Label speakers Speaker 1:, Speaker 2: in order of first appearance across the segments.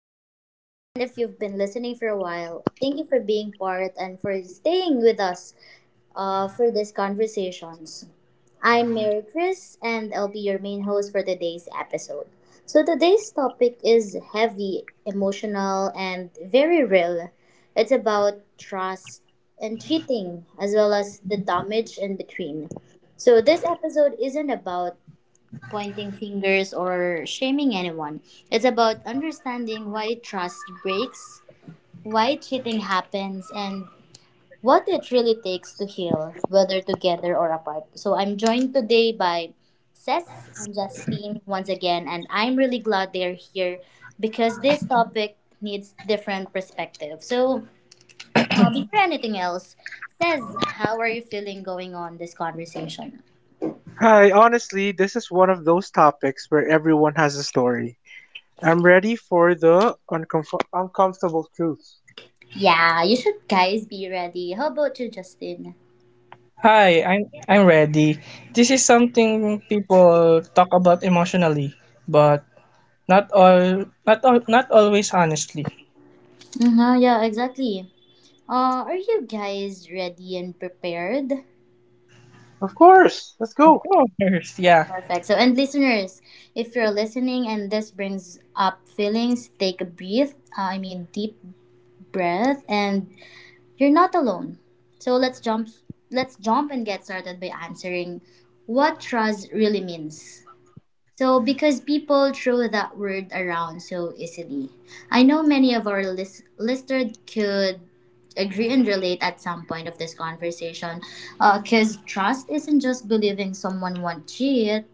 Speaker 1: welcome. And if you've been listening for a while, thank you for being part and for staying with us for these conversations. I'm Mary Chris and I'll be your main host for today's episode. So today's topic is heavy, emotional, and very real. It's about trust and cheating as well as the damage in between. So this episode isn't about pointing fingers or shaming anyone. It's about understanding why trust breaks, why cheating happens, and what it really takes to heal, whether together or apart. So I'm joined today by Cess and Justine once again, and I'm really glad they're here because this topic needs different perspective. So before anything else, Cess, how are you feeling going on this conversation?
Speaker 2: Hi, honestly, this is one of those topics where everyone has a story. I'm ready for the uncomfortable truth.
Speaker 1: Yeah, you should guys be ready. How about you, Justin?
Speaker 3: Hi, I'm ready. This is something people talk about emotionally, but not always honestly.
Speaker 1: Uh-huh, yeah, exactly. Are you guys ready and prepared?
Speaker 2: Of course, let's
Speaker 3: Of
Speaker 2: go.
Speaker 3: course, yeah.
Speaker 1: Perfect. So, and listeners, if you're listening and this brings up feelings, take a breath. I mean, deep breath, and you're not alone. So let's jump and get started by answering what trust really means. So, because people throw that word around so easily, I know many of our listeners could agree and relate at some point of this conversation. Because trust isn't just believing someone won't cheat,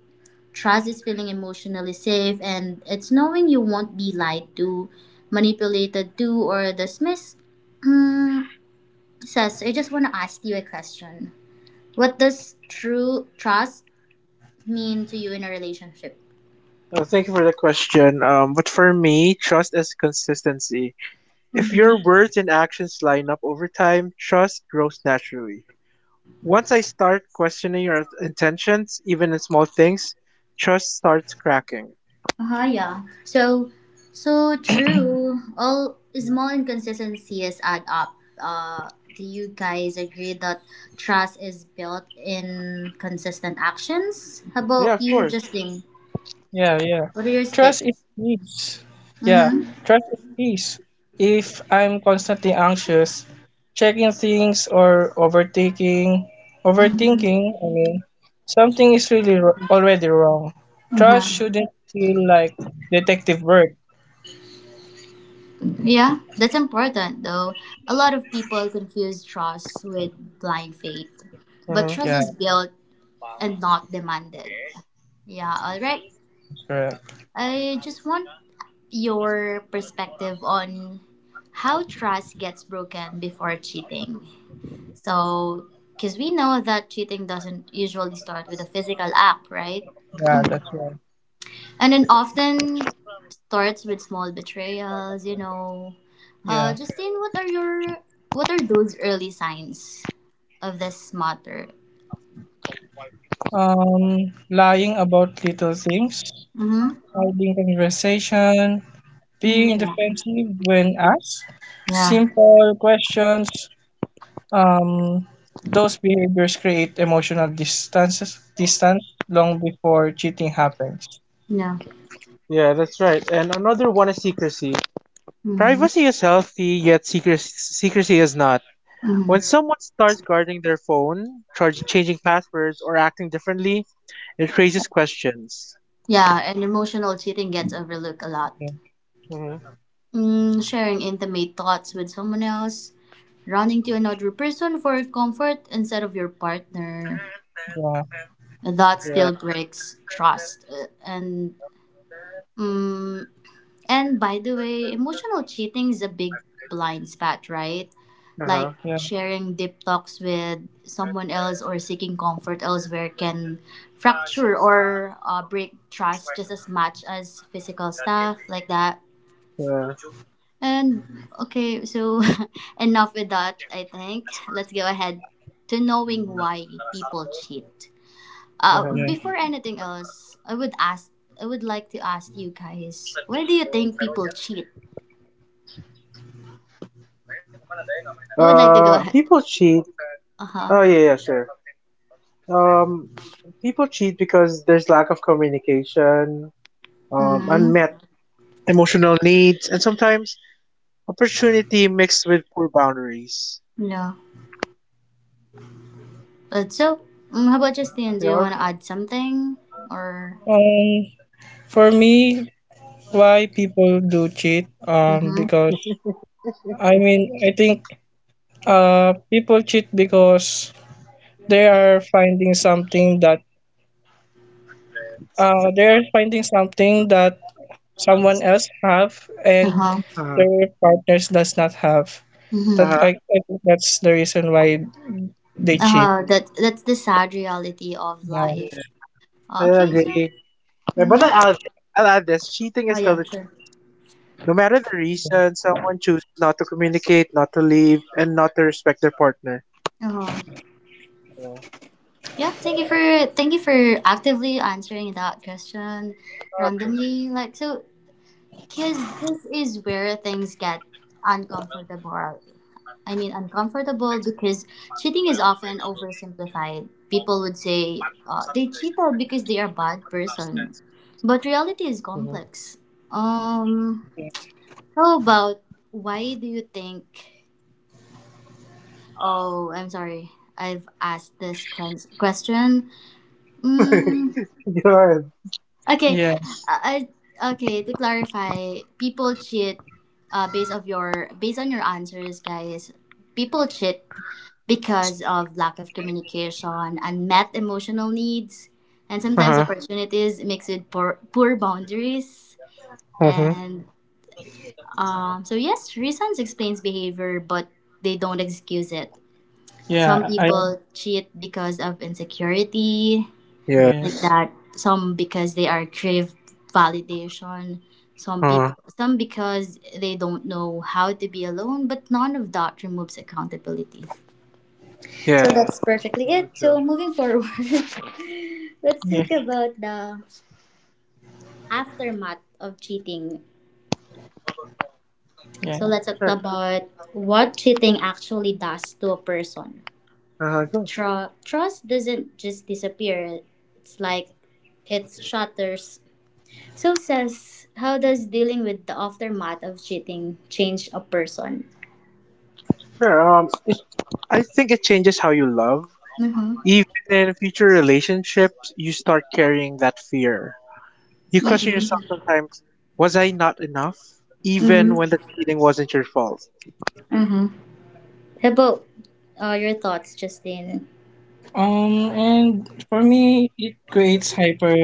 Speaker 1: trust is feeling emotionally safe and it's knowing you won't be lied to, manipulated to, or dismissed. Hmm, Sess, I just want to ask you a question. What does true trust mean to you in a relationship?
Speaker 2: Thank you for the question. But for me, trust is consistency. If your
Speaker 1: Mm-hmm.
Speaker 2: words and actions line up over time, trust grows naturally. Once I start questioning your intentions, even in small things, trust starts cracking.
Speaker 1: Uh-huh, yeah. So, true. All small inconsistencies add up. Do you guys agree that trust is built in consistent actions? How
Speaker 2: Yeah,
Speaker 1: about
Speaker 2: of
Speaker 1: you,
Speaker 2: course.
Speaker 1: Justine?
Speaker 3: Yeah, yeah.
Speaker 1: What are your
Speaker 3: Trust
Speaker 1: take?
Speaker 3: is peace. Yeah,
Speaker 1: Mm-hmm.
Speaker 3: trust is peace. If I'm constantly anxious, checking things or overtaking
Speaker 1: Mm-hmm.
Speaker 3: overthinking, something is already wrong. Trust
Speaker 1: Mm-hmm.
Speaker 3: shouldn't feel like detective work.
Speaker 1: Yeah, that's important though. A lot of people confuse trust with blind faith, but
Speaker 2: Mm-hmm.
Speaker 1: trust
Speaker 3: Yeah,
Speaker 1: is built and not demanded. Yeah, all right.
Speaker 3: that's correct.
Speaker 1: I just want your perspective on how trust gets broken before cheating. So, because we know that cheating doesn't usually start with a physical act, right?
Speaker 3: Yeah, that's right.
Speaker 1: And it often starts with small betrayals.
Speaker 3: Yeah.
Speaker 1: Justine, what are those early signs of this matter?
Speaker 3: Lying about little things,
Speaker 1: Mm-hmm.
Speaker 3: avoiding conversation,
Speaker 1: Mm-hmm.
Speaker 3: being
Speaker 1: Yeah.
Speaker 3: defensive when asked,
Speaker 1: Yeah.
Speaker 3: simple questions. Um, those behaviors create distance long before cheating happens.
Speaker 1: Yeah.
Speaker 2: Yeah, that's right. And another one is secrecy.
Speaker 1: Mm-hmm.
Speaker 2: Privacy is healthy, yet secrecy is not. When
Speaker 1: Mm-hmm.
Speaker 2: someone starts guarding their phone, changing passwords, or acting differently, it raises questions.
Speaker 1: Yeah, and emotional cheating gets overlooked a lot.
Speaker 3: Yeah,
Speaker 2: Hmm.
Speaker 1: Sharing intimate thoughts with someone else, running to another person for comfort instead of your partner.
Speaker 3: yeah,
Speaker 1: That still
Speaker 2: Yeah.
Speaker 1: breaks trust.
Speaker 2: Yep.
Speaker 1: Mm, and by the way, emotional cheating is a big blind spot, right?
Speaker 2: Uh
Speaker 1: Like
Speaker 2: huh.
Speaker 3: yeah,
Speaker 1: sharing deep talks with someone else or seeking comfort elsewhere can fracture or break trust just as much as physical stuff like that.
Speaker 2: Yeah.
Speaker 1: And okay, so enough with that, I think. Let's go ahead to knowing why people cheat.
Speaker 2: Uh-huh.
Speaker 3: yeah.
Speaker 1: Before anything else, I would like to ask you guys, why do you think people cheat? I would like to go ahead.
Speaker 2: People cheat.
Speaker 1: Uh huh.
Speaker 2: Oh yeah, yeah, sure. Um, People cheat because there's lack of communication,
Speaker 1: Mm-hmm.
Speaker 2: unmet emotional needs, and sometimes opportunity mixed with poor boundaries.
Speaker 1: No. But so, how about
Speaker 2: Yeah.
Speaker 1: Justine? Do
Speaker 2: Yeah.
Speaker 1: you want to add something? Or.
Speaker 3: Um, for me, why people do cheat?
Speaker 1: Mm-hmm.
Speaker 3: I think people cheat because they are finding something that they're finding something that someone else have
Speaker 1: Uh
Speaker 3: and
Speaker 1: huh.
Speaker 2: Uh-huh.
Speaker 3: their partners does not have. That,
Speaker 1: Mm-hmm.
Speaker 2: Uh-huh.
Speaker 3: I think that's the reason why they
Speaker 1: Uh
Speaker 3: cheat.
Speaker 1: huh. That's the sad reality of
Speaker 3: Yeah.
Speaker 1: life.
Speaker 2: Yeah. I
Speaker 1: Okay, so.
Speaker 2: agree. Yeah, but
Speaker 1: Yeah.
Speaker 2: I'll add this. Cheating
Speaker 1: Oh,
Speaker 2: is still
Speaker 1: yeah,
Speaker 2: a
Speaker 1: sure.
Speaker 2: choice. No matter the reason, someone chooses not to communicate, not to leave, and not to respect their partner.
Speaker 1: Uh huh.
Speaker 2: Yeah.
Speaker 1: Yeah, thank you for actively answering that question
Speaker 2: Of course.
Speaker 1: randomly. Like so, cause this is where things get uncomfortable. I mean, uncomfortable because cheating is often oversimplified. People would say they cheated because they are bad person, but reality is
Speaker 2: Mm-hmm.
Speaker 1: complex. Um, how about why do you think? Oh, I'm sorry. I've asked this question. Mm,
Speaker 2: Good.
Speaker 1: Okay,
Speaker 3: Yeah.
Speaker 1: I, okay. To clarify, people cheat based on your answers, guys. People cheat because of lack of communication, unmet emotional needs, and sometimes
Speaker 2: Uh-huh.
Speaker 1: opportunities mixed with poor boundaries.
Speaker 2: Mm-hmm.
Speaker 1: And so yes, reasons explains behavior, but they don't excuse it. Some
Speaker 3: Yeah, I.
Speaker 1: people cheat because of insecurity,
Speaker 3: Yes.
Speaker 1: like
Speaker 2: Yes.
Speaker 1: that. Some because they are crave validation.
Speaker 2: Uh,
Speaker 1: Some because they don't know how to be alone, but none of that removes accountability. So that's
Speaker 2: yeah.
Speaker 1: perfectly it.
Speaker 2: Sure,
Speaker 1: So
Speaker 2: sure.
Speaker 1: moving forward, let's talk
Speaker 3: Yes.
Speaker 1: about the aftermath of cheating. So
Speaker 3: Yeah.
Speaker 1: let's talk
Speaker 2: Sure.
Speaker 1: about what cheating actually does to a person.
Speaker 2: Uh-huh, good.
Speaker 1: Trust doesn't just disappear. It's like it shatters. So, says, how does dealing with the aftermath of cheating change a person?
Speaker 2: Sure. I think it changes how you love.
Speaker 1: Mm-hmm.
Speaker 2: Even in future relationships, you start carrying that fear. You question yourself
Speaker 1: Mm-hmm.
Speaker 2: sometimes: was I not enough? Even when
Speaker 1: Mm-hmm.
Speaker 2: the cheating wasn't your fault.
Speaker 1: Mm-hmm. How about your thoughts, Justine?
Speaker 3: And for me it creates hyper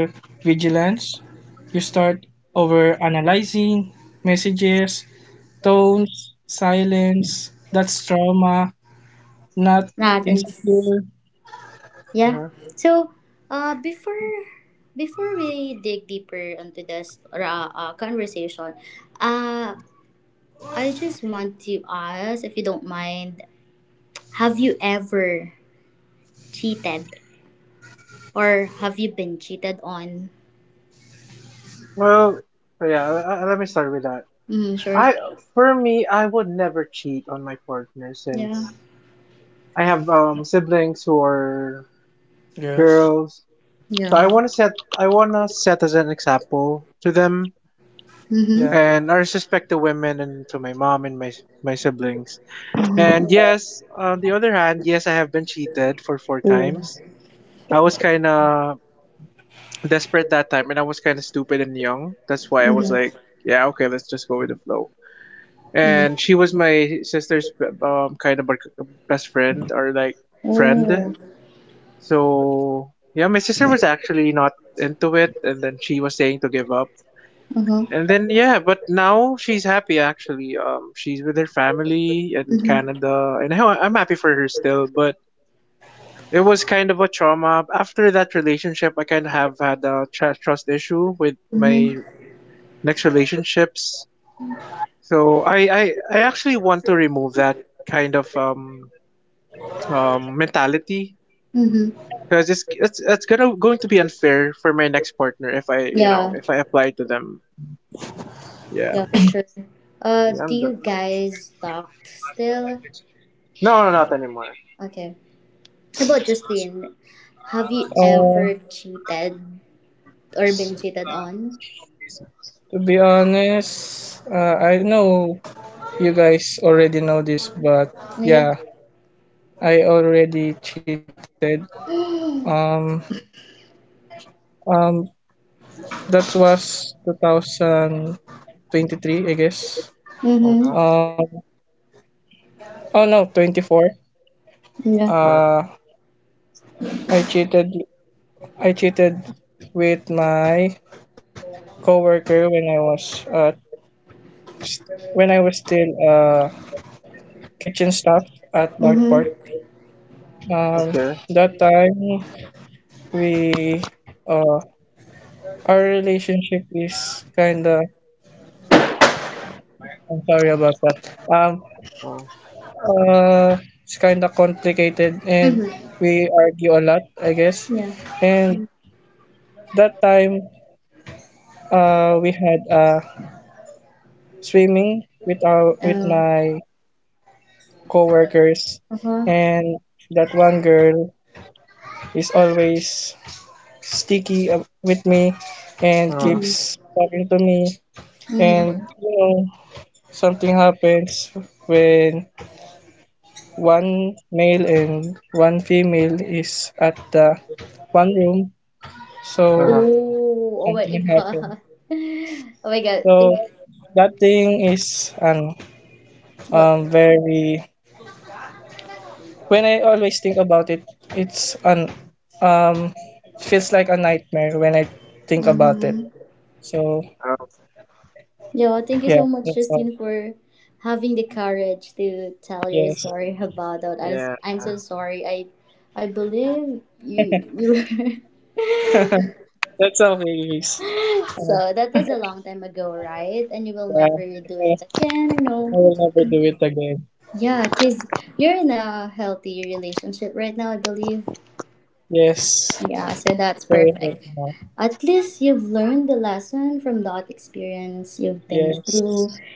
Speaker 3: vigilance. You start over analyzing messages, tones, silence. That's trauma, not
Speaker 1: That and s-
Speaker 3: insecure.
Speaker 1: yeah.
Speaker 2: Uh-huh.
Speaker 1: So, uh, before before we dig deeper into this conversation, uh, I just want to ask, if you don't mind, have you ever cheated or have you been cheated on?
Speaker 2: Well, yeah, let me start with that.
Speaker 1: Mm, sure.
Speaker 2: I, for me, I would never cheat on my partner
Speaker 1: Yeah.
Speaker 2: since I have siblings who are
Speaker 3: Yes.
Speaker 2: girls. So
Speaker 1: Yeah.
Speaker 2: I want to set as an example to them,
Speaker 3: Yeah.
Speaker 1: Mm-hmm.
Speaker 2: and I respect the women and to my mom and my siblings.
Speaker 1: Mm-hmm.
Speaker 2: And
Speaker 3: Uh,
Speaker 2: yes, on the other hand, yes, I have been cheated for four
Speaker 1: Oh.
Speaker 2: times. I was kind of desperate that time and I was kind of stupid and young. That's why I was like,
Speaker 1: Mm-hmm.
Speaker 2: yeah, okay, let's just go with the flow.
Speaker 1: Mm-hmm.
Speaker 2: And she was my sister's kind of like, best friend or like friend.
Speaker 1: Oh.
Speaker 2: So, yeah, my sister was actually not into it and then she was saying to give up.
Speaker 1: Uh-huh.
Speaker 2: And then yeah, but now she's happy actually. She's with her family in
Speaker 1: Mm-hmm.
Speaker 2: Canada and I'm happy for her still, but it was kind of a trauma. After that relationship, I kind of have had a trust issue with
Speaker 1: Mm-hmm.
Speaker 2: my next relationships. So I actually want to remove that kind of mentality
Speaker 1: Mm-hmm.
Speaker 2: because it's gonna going to be unfair for my next partner if I you know
Speaker 1: Yeah.
Speaker 2: if I apply to them. Yeah.
Speaker 1: Yeah, for sure.
Speaker 2: Yeah,
Speaker 1: Do
Speaker 2: I'm the-
Speaker 1: you guys locked still?
Speaker 2: no, no, not anymore.
Speaker 1: Okay. How about Justine? Have you ever cheated or been cheated on?
Speaker 3: to be honest, I know you guys already know this, but
Speaker 1: Yeah.
Speaker 3: yeah, I already cheated. Um,
Speaker 1: Mm-hmm.
Speaker 3: um, that was 2023, I guess.
Speaker 2: Uh huh.
Speaker 3: Um, oh no, 24.
Speaker 1: Yeah.
Speaker 2: Uh huh.
Speaker 3: Uh, I cheated. I cheated with my coworker when I was still kitchen staff at North Park.
Speaker 1: Mm-hmm.
Speaker 3: Um,
Speaker 2: Okay.
Speaker 3: that time we uh our relationship is kinda, I'm sorry about that.
Speaker 2: Uh
Speaker 3: It's kinda complicated and
Speaker 1: Mm-hmm.
Speaker 3: we argue a lot, I guess.
Speaker 1: Yeah.
Speaker 3: And that time we had swimming with our with
Speaker 1: Oh.
Speaker 3: my coworkers,
Speaker 1: Uh-huh.
Speaker 3: and that one girl is always sticky up with me and
Speaker 2: huh.
Speaker 1: Mm-hmm.
Speaker 3: keeps talking to me,
Speaker 1: Mm-hmm.
Speaker 3: and you know, something happens when one male and one female is at the one room,
Speaker 2: Uh
Speaker 3: so
Speaker 2: huh.
Speaker 1: Oh. Oh
Speaker 3: something
Speaker 1: my
Speaker 3: happened.
Speaker 1: god. Oh my god. Think.
Speaker 3: So that thing is an
Speaker 1: What?
Speaker 3: very when I always think about it, it's an um feels like a nightmare when I think about it.
Speaker 1: Mm-hmm.
Speaker 3: So
Speaker 2: Oh,
Speaker 1: Yo, thank you
Speaker 3: yeah,
Speaker 1: so much,
Speaker 3: that's all.
Speaker 1: Justine, for having the courage to tell your
Speaker 3: Yes,
Speaker 1: story about that. I'm so
Speaker 2: yeah.
Speaker 1: sorry. I believe you you were
Speaker 3: that's all, babies. Uh,
Speaker 1: So that was a long time ago, right? And you will
Speaker 3: yeah,
Speaker 1: never do
Speaker 3: so
Speaker 1: it again. I know.
Speaker 3: I will never do it again.
Speaker 1: Yeah, cause you're in a healthy relationship right now, I believe.
Speaker 3: Yes.
Speaker 1: Yeah, so that's
Speaker 3: Very hard
Speaker 1: perfect.
Speaker 3: now.
Speaker 1: At least you've learned the lesson from that experience you've been through.
Speaker 3: Yes,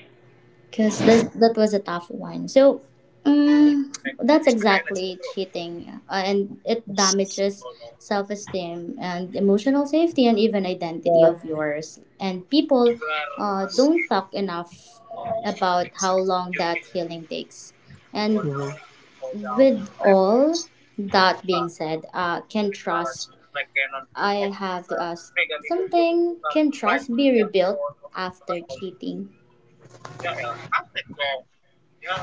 Speaker 1: Because that was a tough one. So, um, that's exactly cheating, and it damages
Speaker 3: yes.
Speaker 1: self-esteem and emotional safety and even identity of
Speaker 3: Yeah.
Speaker 1: yours. And people don't talk enough about how long that healing takes. And
Speaker 2: Mhm.
Speaker 1: with all that being said, can trust? I have to ask something. Can trust be rebuilt after cheating?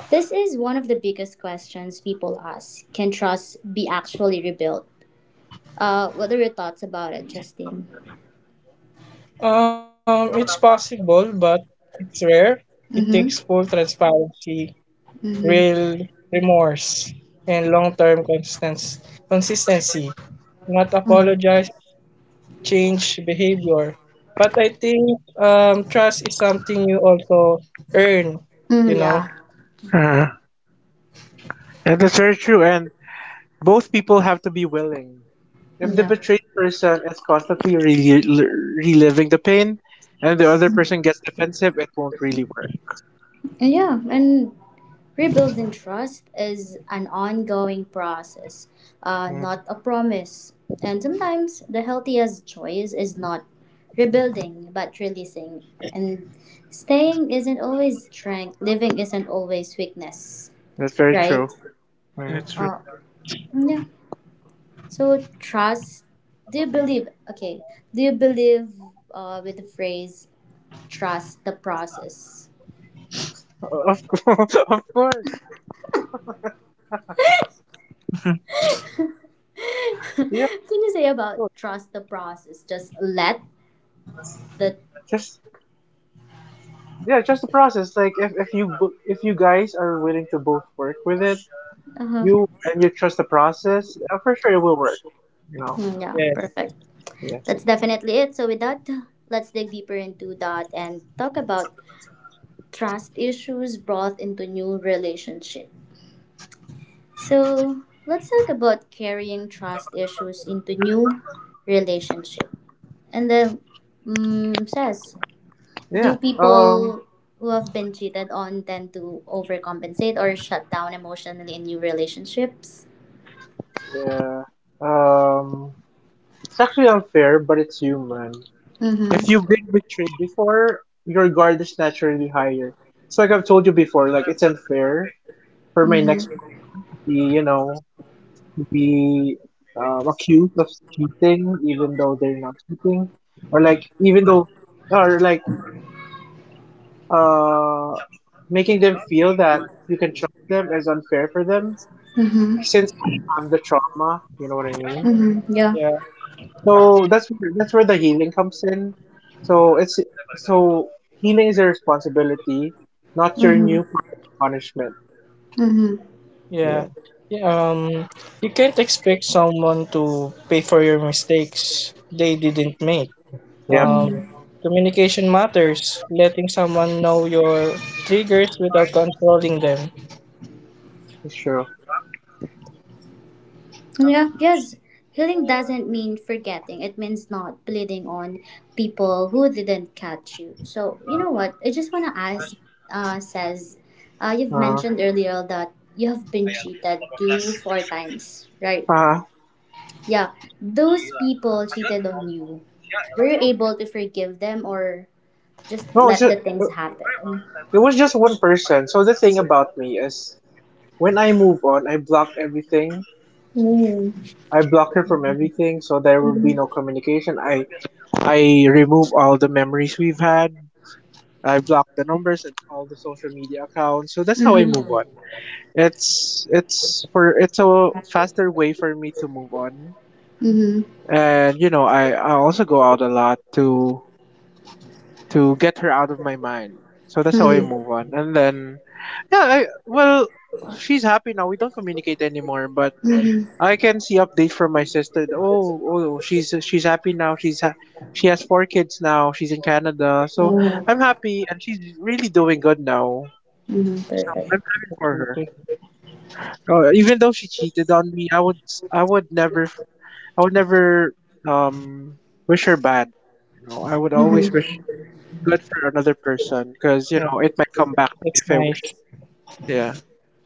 Speaker 1: This is one of the biggest questions people ask. Can trust be actually rebuilt? What are your thoughts about it, Justin?
Speaker 3: It's possible, but it's rare. It
Speaker 1: Mm-hmm.
Speaker 3: takes full transparency,
Speaker 1: Mm-hmm.
Speaker 3: real remorse, and long-term consistency. Consistency. Not apologize, change behavior. But I think trust is something you also earn. You
Speaker 1: Mm,
Speaker 3: know.
Speaker 1: yeah.
Speaker 2: Uh, and that's very true. And both people have to be willing. If the
Speaker 1: Yeah.
Speaker 2: betrayed person is constantly reliving the pain and the other person gets defensive, it won't really work.
Speaker 1: And yeah. And
Speaker 2: Hmm.
Speaker 1: rebuilding trust is an ongoing process,
Speaker 2: Hmm.
Speaker 1: not a promise. And sometimes the healthiest choice is not rebuilding, but releasing. And staying isn't always strength. Living isn't always weakness.
Speaker 2: That's very
Speaker 1: Right?
Speaker 2: true. Hmm.
Speaker 3: That's right.
Speaker 1: Uh, yeah. So trust. Do you believe? Okay. Do you believe with the phrase "trust the process"?
Speaker 2: Of course, of course.
Speaker 1: Can
Speaker 2: Yeah,
Speaker 1: you say
Speaker 2: of
Speaker 1: about
Speaker 2: course.
Speaker 1: trust the process? Just let the.
Speaker 2: Just Yeah, just the process. Like if if you guys are willing to both work with it,
Speaker 1: Uh huh.
Speaker 2: you trust the process, for sure it will work. You know.
Speaker 1: Yeah.
Speaker 3: Yes.
Speaker 1: Perfect.
Speaker 2: Yeah.
Speaker 1: That's definitely it. So with that, let's dig deeper into that and talk about trust issues brought into new relationship. So let's talk about carrying trust issues into new relationship. And then, says, do
Speaker 2: Yeah.
Speaker 1: people who have been cheated on tend to overcompensate or shut down emotionally in new relationships?
Speaker 2: Yeah. Um. It's actually unfair, but it's human. If you've
Speaker 1: Mm-hmm.
Speaker 2: been betrayed before, your guard is naturally higher. So, like I've told you before, like it's unfair for my next
Speaker 1: Mm-hmm.
Speaker 2: partner to be, you know, to be accused of cheating, even though they're not cheating, or like even though, or like uh, making them feel that you can trust them is unfair for them.
Speaker 1: Mm-hmm.
Speaker 2: Since I have the trauma, you know what I mean.
Speaker 1: Mm-hmm. Yeah.
Speaker 3: Yeah.
Speaker 2: But yeah, so that's where the healing comes in. So it's so healing is a responsibility, not your
Speaker 1: Mm-hmm.
Speaker 2: new partner's punishment.
Speaker 1: Mm-hmm.
Speaker 2: Yeah.
Speaker 3: Yeah. Yeah, um, you can't expect someone to pay for your mistakes they didn't make.
Speaker 2: Yep.
Speaker 3: Um,
Speaker 1: Mm-hmm.
Speaker 3: communication matters. Letting someone know your triggers without controlling them.
Speaker 2: It's true.
Speaker 1: Yeah. Yes. Healing doesn't mean forgetting. It means not bleeding on people who didn't catch you. So you know what? I just wanna ask. Says, you've
Speaker 2: Uh.
Speaker 1: mentioned earlier that you have been cheated two four times, right?
Speaker 2: Uh.
Speaker 1: Yeah, those people cheated on you. Were you able to forgive them or just
Speaker 2: No, it's
Speaker 1: let
Speaker 2: just
Speaker 1: the things happen?
Speaker 2: it was just one person. So the thing about me is, when I move on, I block everything.
Speaker 1: Mm.
Speaker 2: I block her from everything, so there will be no
Speaker 1: Mm-hmm.
Speaker 2: communication. I remove all the memories we've had. I block the numbers and all the social media accounts. So that's how I move on. It's a faster way for me to move on.
Speaker 1: Mm-hmm.
Speaker 2: And I also go out a lot to get her out of my mind. So that's how I move on. And then yeah, I well, she's happy now. We don't communicate anymore, but
Speaker 1: Mm-hmm.
Speaker 2: I can see updates from my sister. Oh, oh, she's happy now. She has four kids now. She's in Canada. So
Speaker 1: Mm-hmm.
Speaker 2: I'm happy and she's really doing good now. So
Speaker 3: Yeah,
Speaker 1: Perfect.
Speaker 2: I'm happy
Speaker 3: that's
Speaker 2: for
Speaker 3: really
Speaker 2: her.
Speaker 3: good.
Speaker 2: Even though she cheated on me, I would never I would never um wish her bad. You know, I would always wish
Speaker 1: Mm-hmm.
Speaker 2: good for another person because you
Speaker 3: Yeah,
Speaker 2: know it might come back to me
Speaker 3: that's
Speaker 2: if I wish.
Speaker 3: nice.
Speaker 2: Yeah,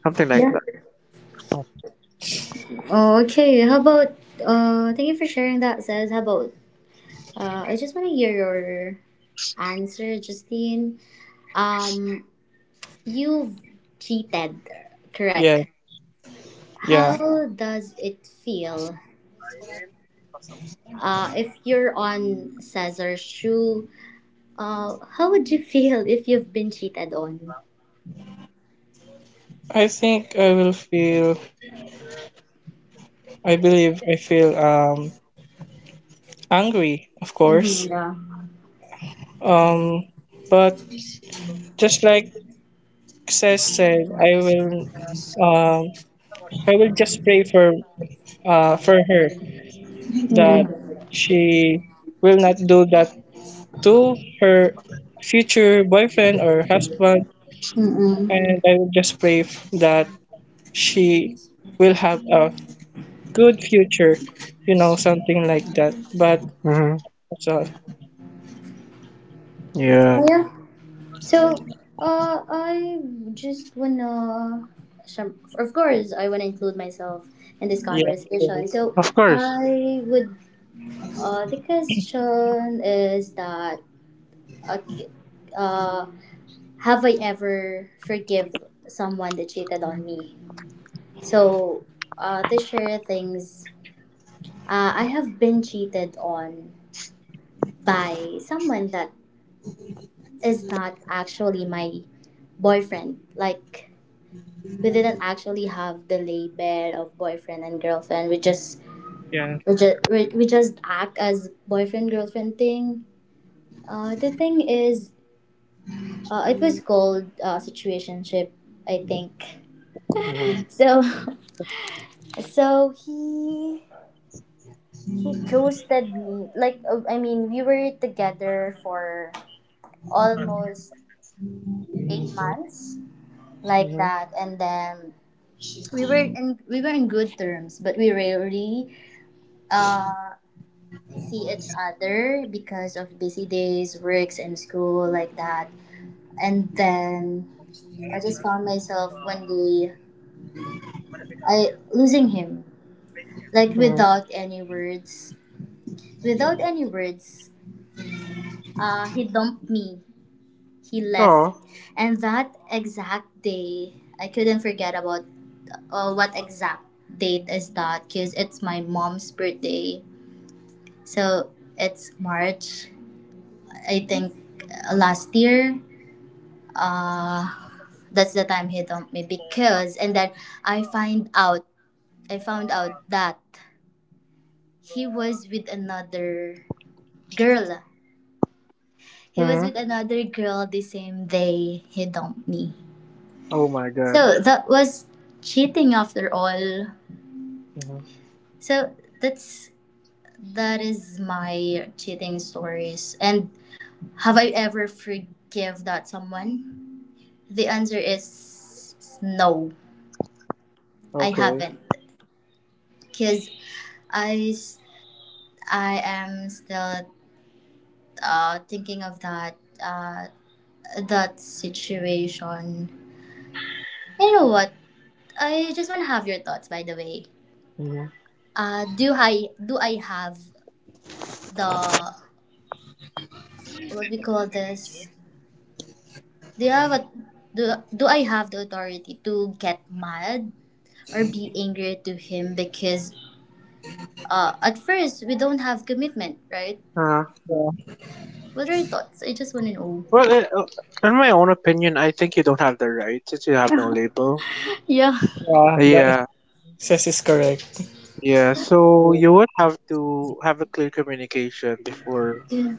Speaker 2: something like
Speaker 1: Yeah.
Speaker 2: that. Hmm.
Speaker 1: Oh, okay. How about? Thank you for sharing that, says. How about? I just want to hear your answer, Justine. Um, you've cheated,
Speaker 3: Yeah,
Speaker 1: correct?
Speaker 3: yeah.
Speaker 1: How does it feel? If you're on Cesar's shoe, how would you feel if you've been cheated on?
Speaker 3: I think I will feel. I believe I feel angry, of
Speaker 1: Mm-hmm,
Speaker 3: course.
Speaker 1: yeah.
Speaker 3: Um, but just like says said, um I will just pray for her that
Speaker 1: Yeah.
Speaker 3: she will not do that to her future boyfriend or husband,
Speaker 1: Mm-mm.
Speaker 3: and I will just that she will have a good future, you know, something like that. But
Speaker 2: Hmm.
Speaker 3: that's all.
Speaker 2: Yeah,
Speaker 1: Yeah. So, I just wanna, syem- of course, I wanna include myself in this
Speaker 3: Yeah, sure.
Speaker 1: conversation. So,
Speaker 2: of course.
Speaker 1: I would, the question is that, uh, uh, have I ever forgive someone that cheated on me? So, to share things, I have been cheated on by someone that is not actually my boyfriend. Like, we didn't actually have the label of boyfriend and girlfriend. We just
Speaker 3: Yeah,
Speaker 1: we just, we, we just act as boyfriend girlfriend thing. The thing is, it was called situationship, I think.
Speaker 2: Hmm.
Speaker 1: So, so he ghosted me. Like, I mean, we were together for almost 8 months, like
Speaker 2: Hmm.
Speaker 1: that, and then we were in good terms, but we rarely uh see each other because of busy days, works, and school, like that. And then I just found myself one day I losing him, like
Speaker 2: Hmm.
Speaker 1: without any words, without any words. He dumped me. He left.
Speaker 2: Oh.
Speaker 1: And that exact day, I couldn't forget about what exact date is that because it's my mom's birthday. So it's March, I think last year. Uh, that's the time he dumped me because, and then I find out, I found out that he was with another girl. He was
Speaker 2: Hmm.
Speaker 1: with another girl the same day he dumped me.
Speaker 2: Oh my God.
Speaker 1: So that was cheating after all.
Speaker 2: Hmm.
Speaker 1: So that's that is my cheating stories. And have I ever forgive that someone? The answer is no. I
Speaker 2: Okay.
Speaker 1: haven't because I s- I am still thinking of that uh, that situation. You know what? I just want to have your thoughts. By the way,
Speaker 2: Hmm.
Speaker 1: do I have the what we call this Do you have a do, do I have the authority to get mad or be angry to him because at first we don't have commitment, right?
Speaker 2: Uh,
Speaker 3: yeah,
Speaker 1: What are your thoughts? I just want to know.
Speaker 2: well, in my own opinion, I think you don't have the right since you have no label.
Speaker 1: Yeah.
Speaker 3: yeah, that
Speaker 2: Yeah.
Speaker 3: says is correct.
Speaker 2: Yeah, so you would have to have a clear communication before,
Speaker 1: Yeah.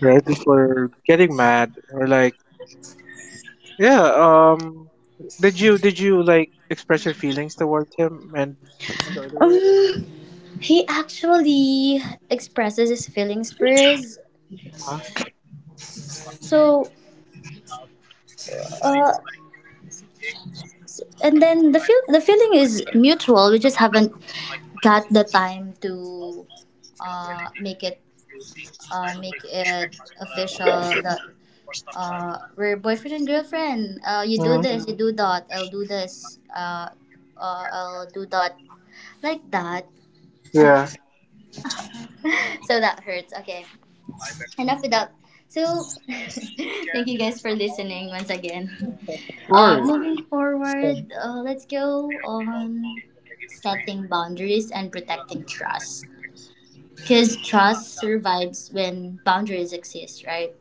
Speaker 2: right? Before getting mad, or like, yeah, um, did you like express your feelings towards him, and the other way around?
Speaker 1: Um, he actually expresses his feelings first.
Speaker 2: Uh-huh.
Speaker 1: So, uh, and then the feeling is mutual. We just haven't got the time to uh make it make it official that we're boyfriend and girlfriend. You do
Speaker 2: Hmm.
Speaker 1: this, you do that. I'll do this. I'll do that. Like that.
Speaker 2: Yeah, of
Speaker 1: So that hurts. Okay. Enough with that. So, thank you guys for listening once again.
Speaker 2: course.
Speaker 1: Moving forward, let's go on setting boundaries and protecting trust, because trust survives when boundaries exist, right?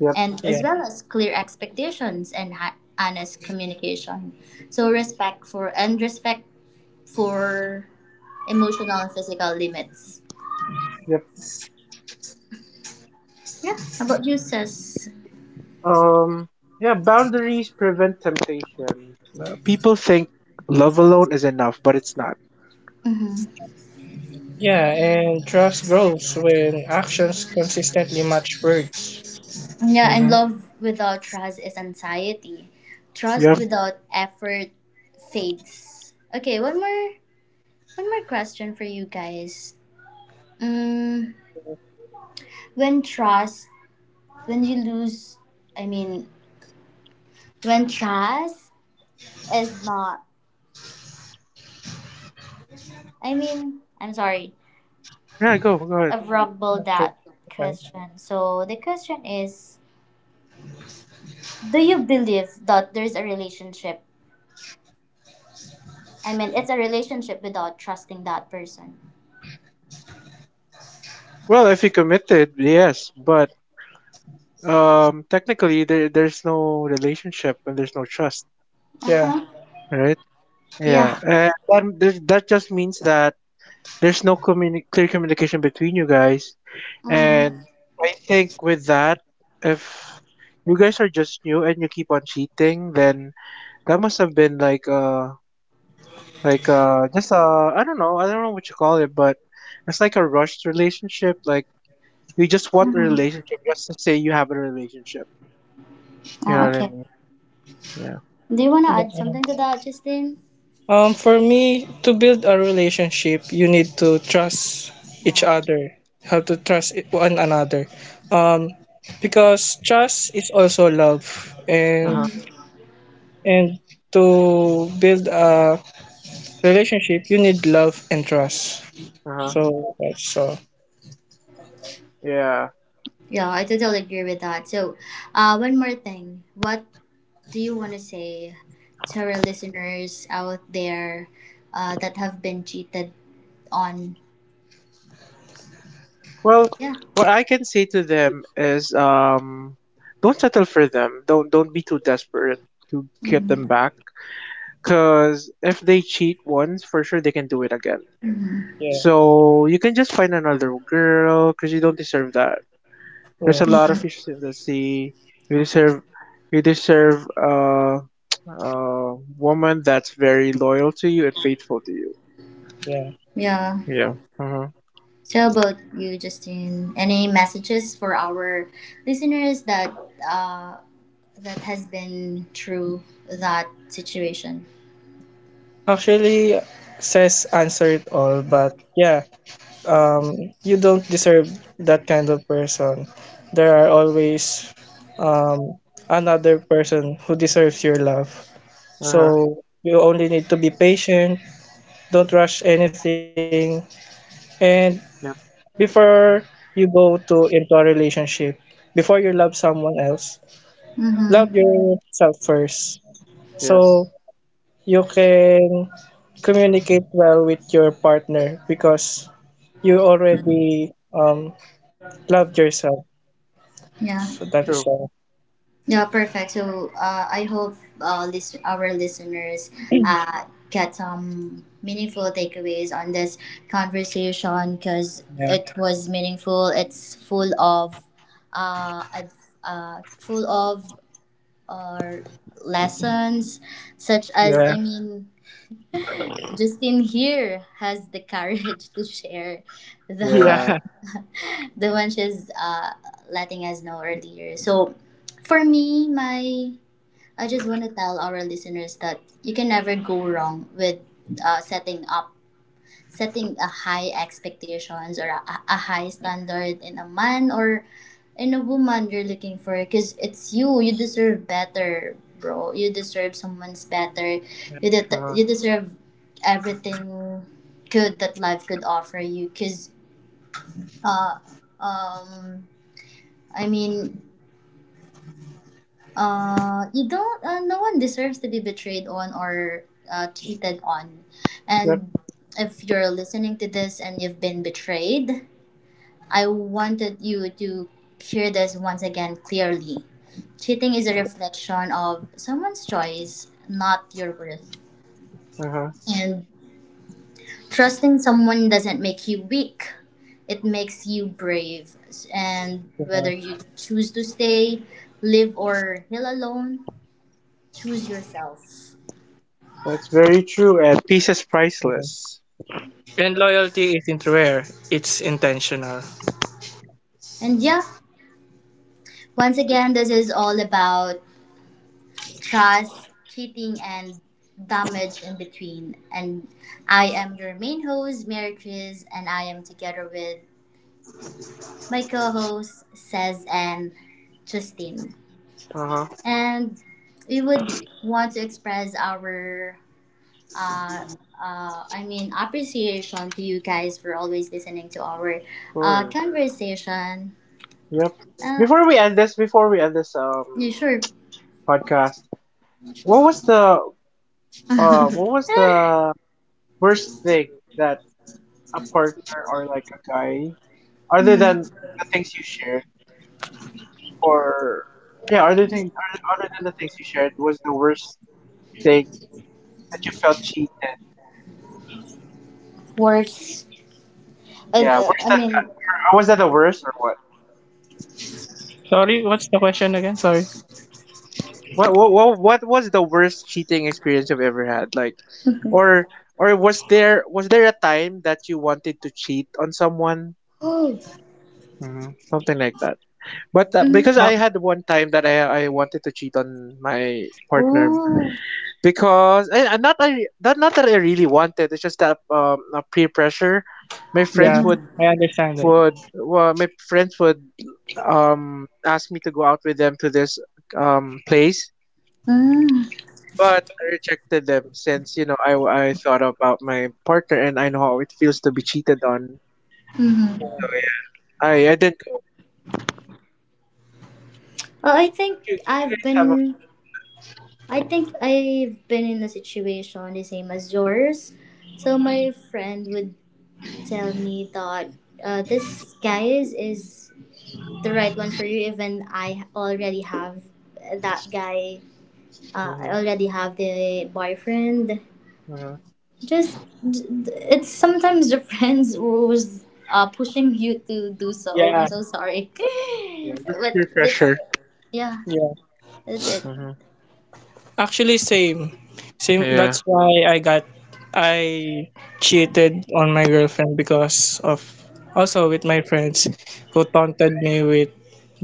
Speaker 2: Yep,
Speaker 1: And
Speaker 3: Yeah,
Speaker 1: as well as clear expectations and honest communication. So respect for, and respect for, emotional and physical limits.
Speaker 2: yep.
Speaker 1: Yeah, how about you, sis?
Speaker 2: Um, yeah, boundaries prevent temptation. People think love alone is enough, but it's not.
Speaker 1: Mm-hmm.
Speaker 3: yeah. And trust grows when actions consistently match words.
Speaker 1: Yeah, and
Speaker 2: Mm-hmm.
Speaker 1: love without trust is anxiety. Trust
Speaker 2: Yep.
Speaker 1: without effort fades. Okay, one more question for you guys. Mm, when trust, when you lose, I mean, when trust is not I mean, I'm sorry,
Speaker 2: Yeah, go ahead.
Speaker 1: I've rumbled
Speaker 3: Not sure.
Speaker 1: that
Speaker 3: Okay.
Speaker 1: question. So the question is, do you believe that there's a relationship? I mean, it's a relationship without trusting that person?
Speaker 2: Well, if you committed, yes, but technically, there's no relationship and there's no trust,
Speaker 1: Uh
Speaker 3: Yeah,
Speaker 1: huh.
Speaker 2: right? Yeah,
Speaker 1: Yeah.
Speaker 2: and that just means that there's no clear communication between you guys.
Speaker 1: Mm-hmm.
Speaker 2: And I think with that, if you guys are just new and you keep on cheating, then that must have been like just I don't know what you call it, but it's like a rushed relationship. Like you just want a
Speaker 1: Mm-hmm.
Speaker 2: relationship just to say you have a relationship. You know
Speaker 1: Oh,
Speaker 2: what I
Speaker 1: okay.
Speaker 2: mean? Yeah.
Speaker 1: Do you want to add something to
Speaker 3: yeah.
Speaker 1: that, Justin?
Speaker 3: For me, to build a relationship, you need to trust each
Speaker 1: No.
Speaker 3: other. Have to one another. Um, because trust is also love,
Speaker 2: Uh
Speaker 3: and
Speaker 2: huh.
Speaker 3: and to build a relationship, you need love and trust.
Speaker 2: Uh huh.
Speaker 3: So that's all.
Speaker 2: Yeah.
Speaker 1: Yeah, I totally agree with that. So, one more thing. What do you want to say to our listeners out there, that have been cheated on?
Speaker 2: Well,
Speaker 1: Yeah.
Speaker 2: what I can say to them is don't settle for them. Don't be too desperate to get them
Speaker 1: Mm-hmm.
Speaker 2: back cuz if they cheat once, for sure they can do it again.
Speaker 1: Mm-hmm.
Speaker 3: Yeah.
Speaker 2: So, you can just find another girl cuz you don't deserve that. There's
Speaker 3: Oh,
Speaker 2: a lot of
Speaker 1: Yeah.
Speaker 2: fishes in the sea. You deserve you deserve a a woman that's very loyal to you and faithful to you.
Speaker 3: yeah.
Speaker 1: Yeah.
Speaker 2: Yeah. Uh-huh.
Speaker 1: So how about you, Justin? Any messages for our listeners that uh that has been through that situation?
Speaker 3: Actually, says answer it all, but yeah, you don't deserve that kind of person. There are always um, another person who deserves your love.
Speaker 2: Uh-huh.
Speaker 3: So you only need to be patient. Don't rush anything. And
Speaker 2: Yep.
Speaker 3: before you go to into a relationship, before you love someone else, love
Speaker 1: Mm-hmm.
Speaker 3: yourself first. So
Speaker 2: Yes.
Speaker 3: you can communicate well with your partner because you already loved yourself. So
Speaker 1: Yeah.
Speaker 3: that is
Speaker 2: True.
Speaker 3: all.
Speaker 1: Yeah, perfect. So I hope our listeners get some meaningful takeaways on this conversation, because
Speaker 3: Yeah,
Speaker 1: it was meaningful. It's full of uh, ad- full of, or lessons, such as,
Speaker 2: Yep.
Speaker 3: yeah,
Speaker 1: I mean, Justin here has the courage to share the
Speaker 3: yeah,
Speaker 2: Yeah.
Speaker 1: the one she's letting us know earlier. So, for me, my, I just want to tell our listeners that you can never go wrong with uh, setting up setting a high expectations, or a high standard in a man or in a woman you're looking for, because it's you deserve better, bro. You deserve someone's better.
Speaker 2: Uh-huh.
Speaker 1: You deserve everything good that life could offer you, because uh um I mean you don't no one deserves to be betrayed on or cheated on.
Speaker 2: Yep.
Speaker 1: And if you're listening to this and you've been betrayed, I wanted you to hear this once again clearly. Cheating is a reflection of someone's choice, not your worth.
Speaker 2: Uh-huh.
Speaker 1: And trusting someone doesn't make you weak, it makes you brave. And whether
Speaker 3: yeah,
Speaker 1: you choose to stay, live, or heal alone, choose yourself.
Speaker 2: That's very true. And peace is
Speaker 3: yeah.
Speaker 2: priceless.
Speaker 3: And loyalty isn't rare; it's intentional.
Speaker 1: And yeah, once again, this is all about trust, cheating, and damage in between. And I am your main host, Mary Chris, and I am together with my co hosts, Cez and Justine.
Speaker 2: Uh-huh. Of
Speaker 1: And we would want to express our, uh, appreciation to you guys for always listening to our
Speaker 2: course.
Speaker 1: conversation.
Speaker 2: Yep.
Speaker 1: Uh,
Speaker 2: Before we end this, before we end this
Speaker 1: you sure?
Speaker 2: podcast, what was the uh what was the worst thing that a partner or like a guy other
Speaker 1: Mhm.
Speaker 2: than the things you shared or yeah, other thing or other than the things you shared was the worst thing that you felt cheated.
Speaker 1: Words. Uh,
Speaker 2: Yeah,
Speaker 1: uh,
Speaker 2: worse
Speaker 1: I
Speaker 2: than
Speaker 1: mean,
Speaker 2: that. Or was that the worst or what?
Speaker 3: Sorry, what's the question again? Sorry.
Speaker 2: What was the worst cheating experience you've ever had? Like, or or was there a time that you wanted to cheat on someone?
Speaker 1: oh.
Speaker 2: Mhm, something like that. But because
Speaker 3: Oh,
Speaker 2: I had one time that I wanted to cheat on my partner
Speaker 1: Oh.
Speaker 2: because I not not that I really wanted. It's just that peer pressure. My
Speaker 3: yeah,
Speaker 2: friends
Speaker 1: Mm-hmm.
Speaker 3: I understand it.
Speaker 2: would well, my friends would ask me to go out with them to this place
Speaker 1: Mm-hmm.
Speaker 2: but I rejected them since I thought about my partner and I know how it feels to be cheated on. So yeah, I didn't go.
Speaker 1: Well, I
Speaker 2: Yeah.
Speaker 1: think
Speaker 2: Did you
Speaker 1: I've
Speaker 2: guys have a
Speaker 1: been
Speaker 2: yeah?
Speaker 1: I think I've been in a situation the same as yours. So
Speaker 2: Mhm.
Speaker 1: my friend would tell me that this guy is the right one for you, even I already have that guy, I
Speaker 2: Mhm.
Speaker 1: already have the boyfriend.
Speaker 2: Mhm.
Speaker 1: Just it's sometimes the friends who's pushing you to do so. I'm
Speaker 3: Yeah,
Speaker 1: so sorry.
Speaker 2: Yeah. Yeah. That's
Speaker 1: But
Speaker 2: peer
Speaker 1: that's,
Speaker 2: pressure.
Speaker 1: yeah,
Speaker 3: yeah.
Speaker 1: that's it.
Speaker 2: Mhm.
Speaker 3: Actually, same, same.
Speaker 2: Yeah.
Speaker 3: That's why I cheated on my girlfriend because of also with my friends who taunted me with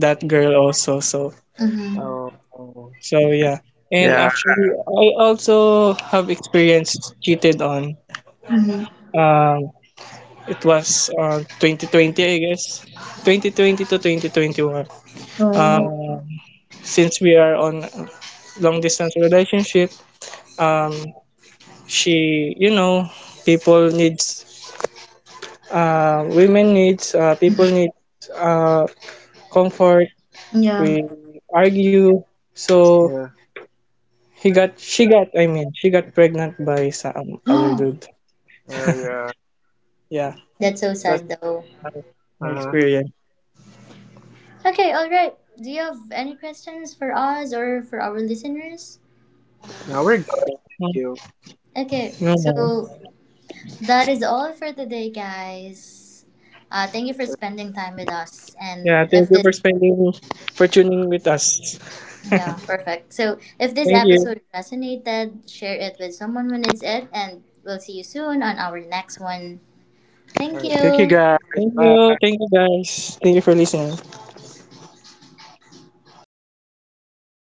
Speaker 3: that girl also. So,
Speaker 1: Mm-hmm.
Speaker 2: Oh.
Speaker 3: so yeah. And actually,
Speaker 2: Yeah.
Speaker 3: I also have experienced cheated on.
Speaker 1: Mm-hmm.
Speaker 3: Um, it was 2020, I guess. 2020 to 2021.
Speaker 1: Oh
Speaker 2: Oh.
Speaker 3: Um, since we are on long distance relationship, um, she, you know, people needs, people need uh, comfort.
Speaker 1: yeah.
Speaker 3: We argue. So
Speaker 2: Yeah.
Speaker 3: she got pregnant by some other dude.
Speaker 2: Oh yeah.
Speaker 3: Yeah,
Speaker 1: That's so
Speaker 3: that's
Speaker 1: sad though.
Speaker 3: my
Speaker 2: Uh
Speaker 3: my
Speaker 2: huh.
Speaker 3: experience.
Speaker 1: Okay, all right, do you have any questions for us or for our listeners?
Speaker 2: Now we're good. Thank
Speaker 3: Hmm,
Speaker 2: you.
Speaker 1: Okay,
Speaker 3: no,
Speaker 1: so
Speaker 3: no.
Speaker 1: that is all for today, guys. Thank you for
Speaker 2: Uh,
Speaker 1: spending time with us, and
Speaker 3: Yeah, thank
Speaker 1: if
Speaker 3: you
Speaker 1: this,
Speaker 3: for for tuning with us.
Speaker 1: yeah, perfect. So if this
Speaker 3: Thank you.
Speaker 1: episode resonated, share it with someone who needs it, and we'll see you soon on our next one.
Speaker 2: all
Speaker 1: Thank
Speaker 2: right. Thank you
Speaker 1: you.
Speaker 2: guys.
Speaker 3: Thank you. Thank
Speaker 2: Bye.
Speaker 3: you, guys. Thank you for listening.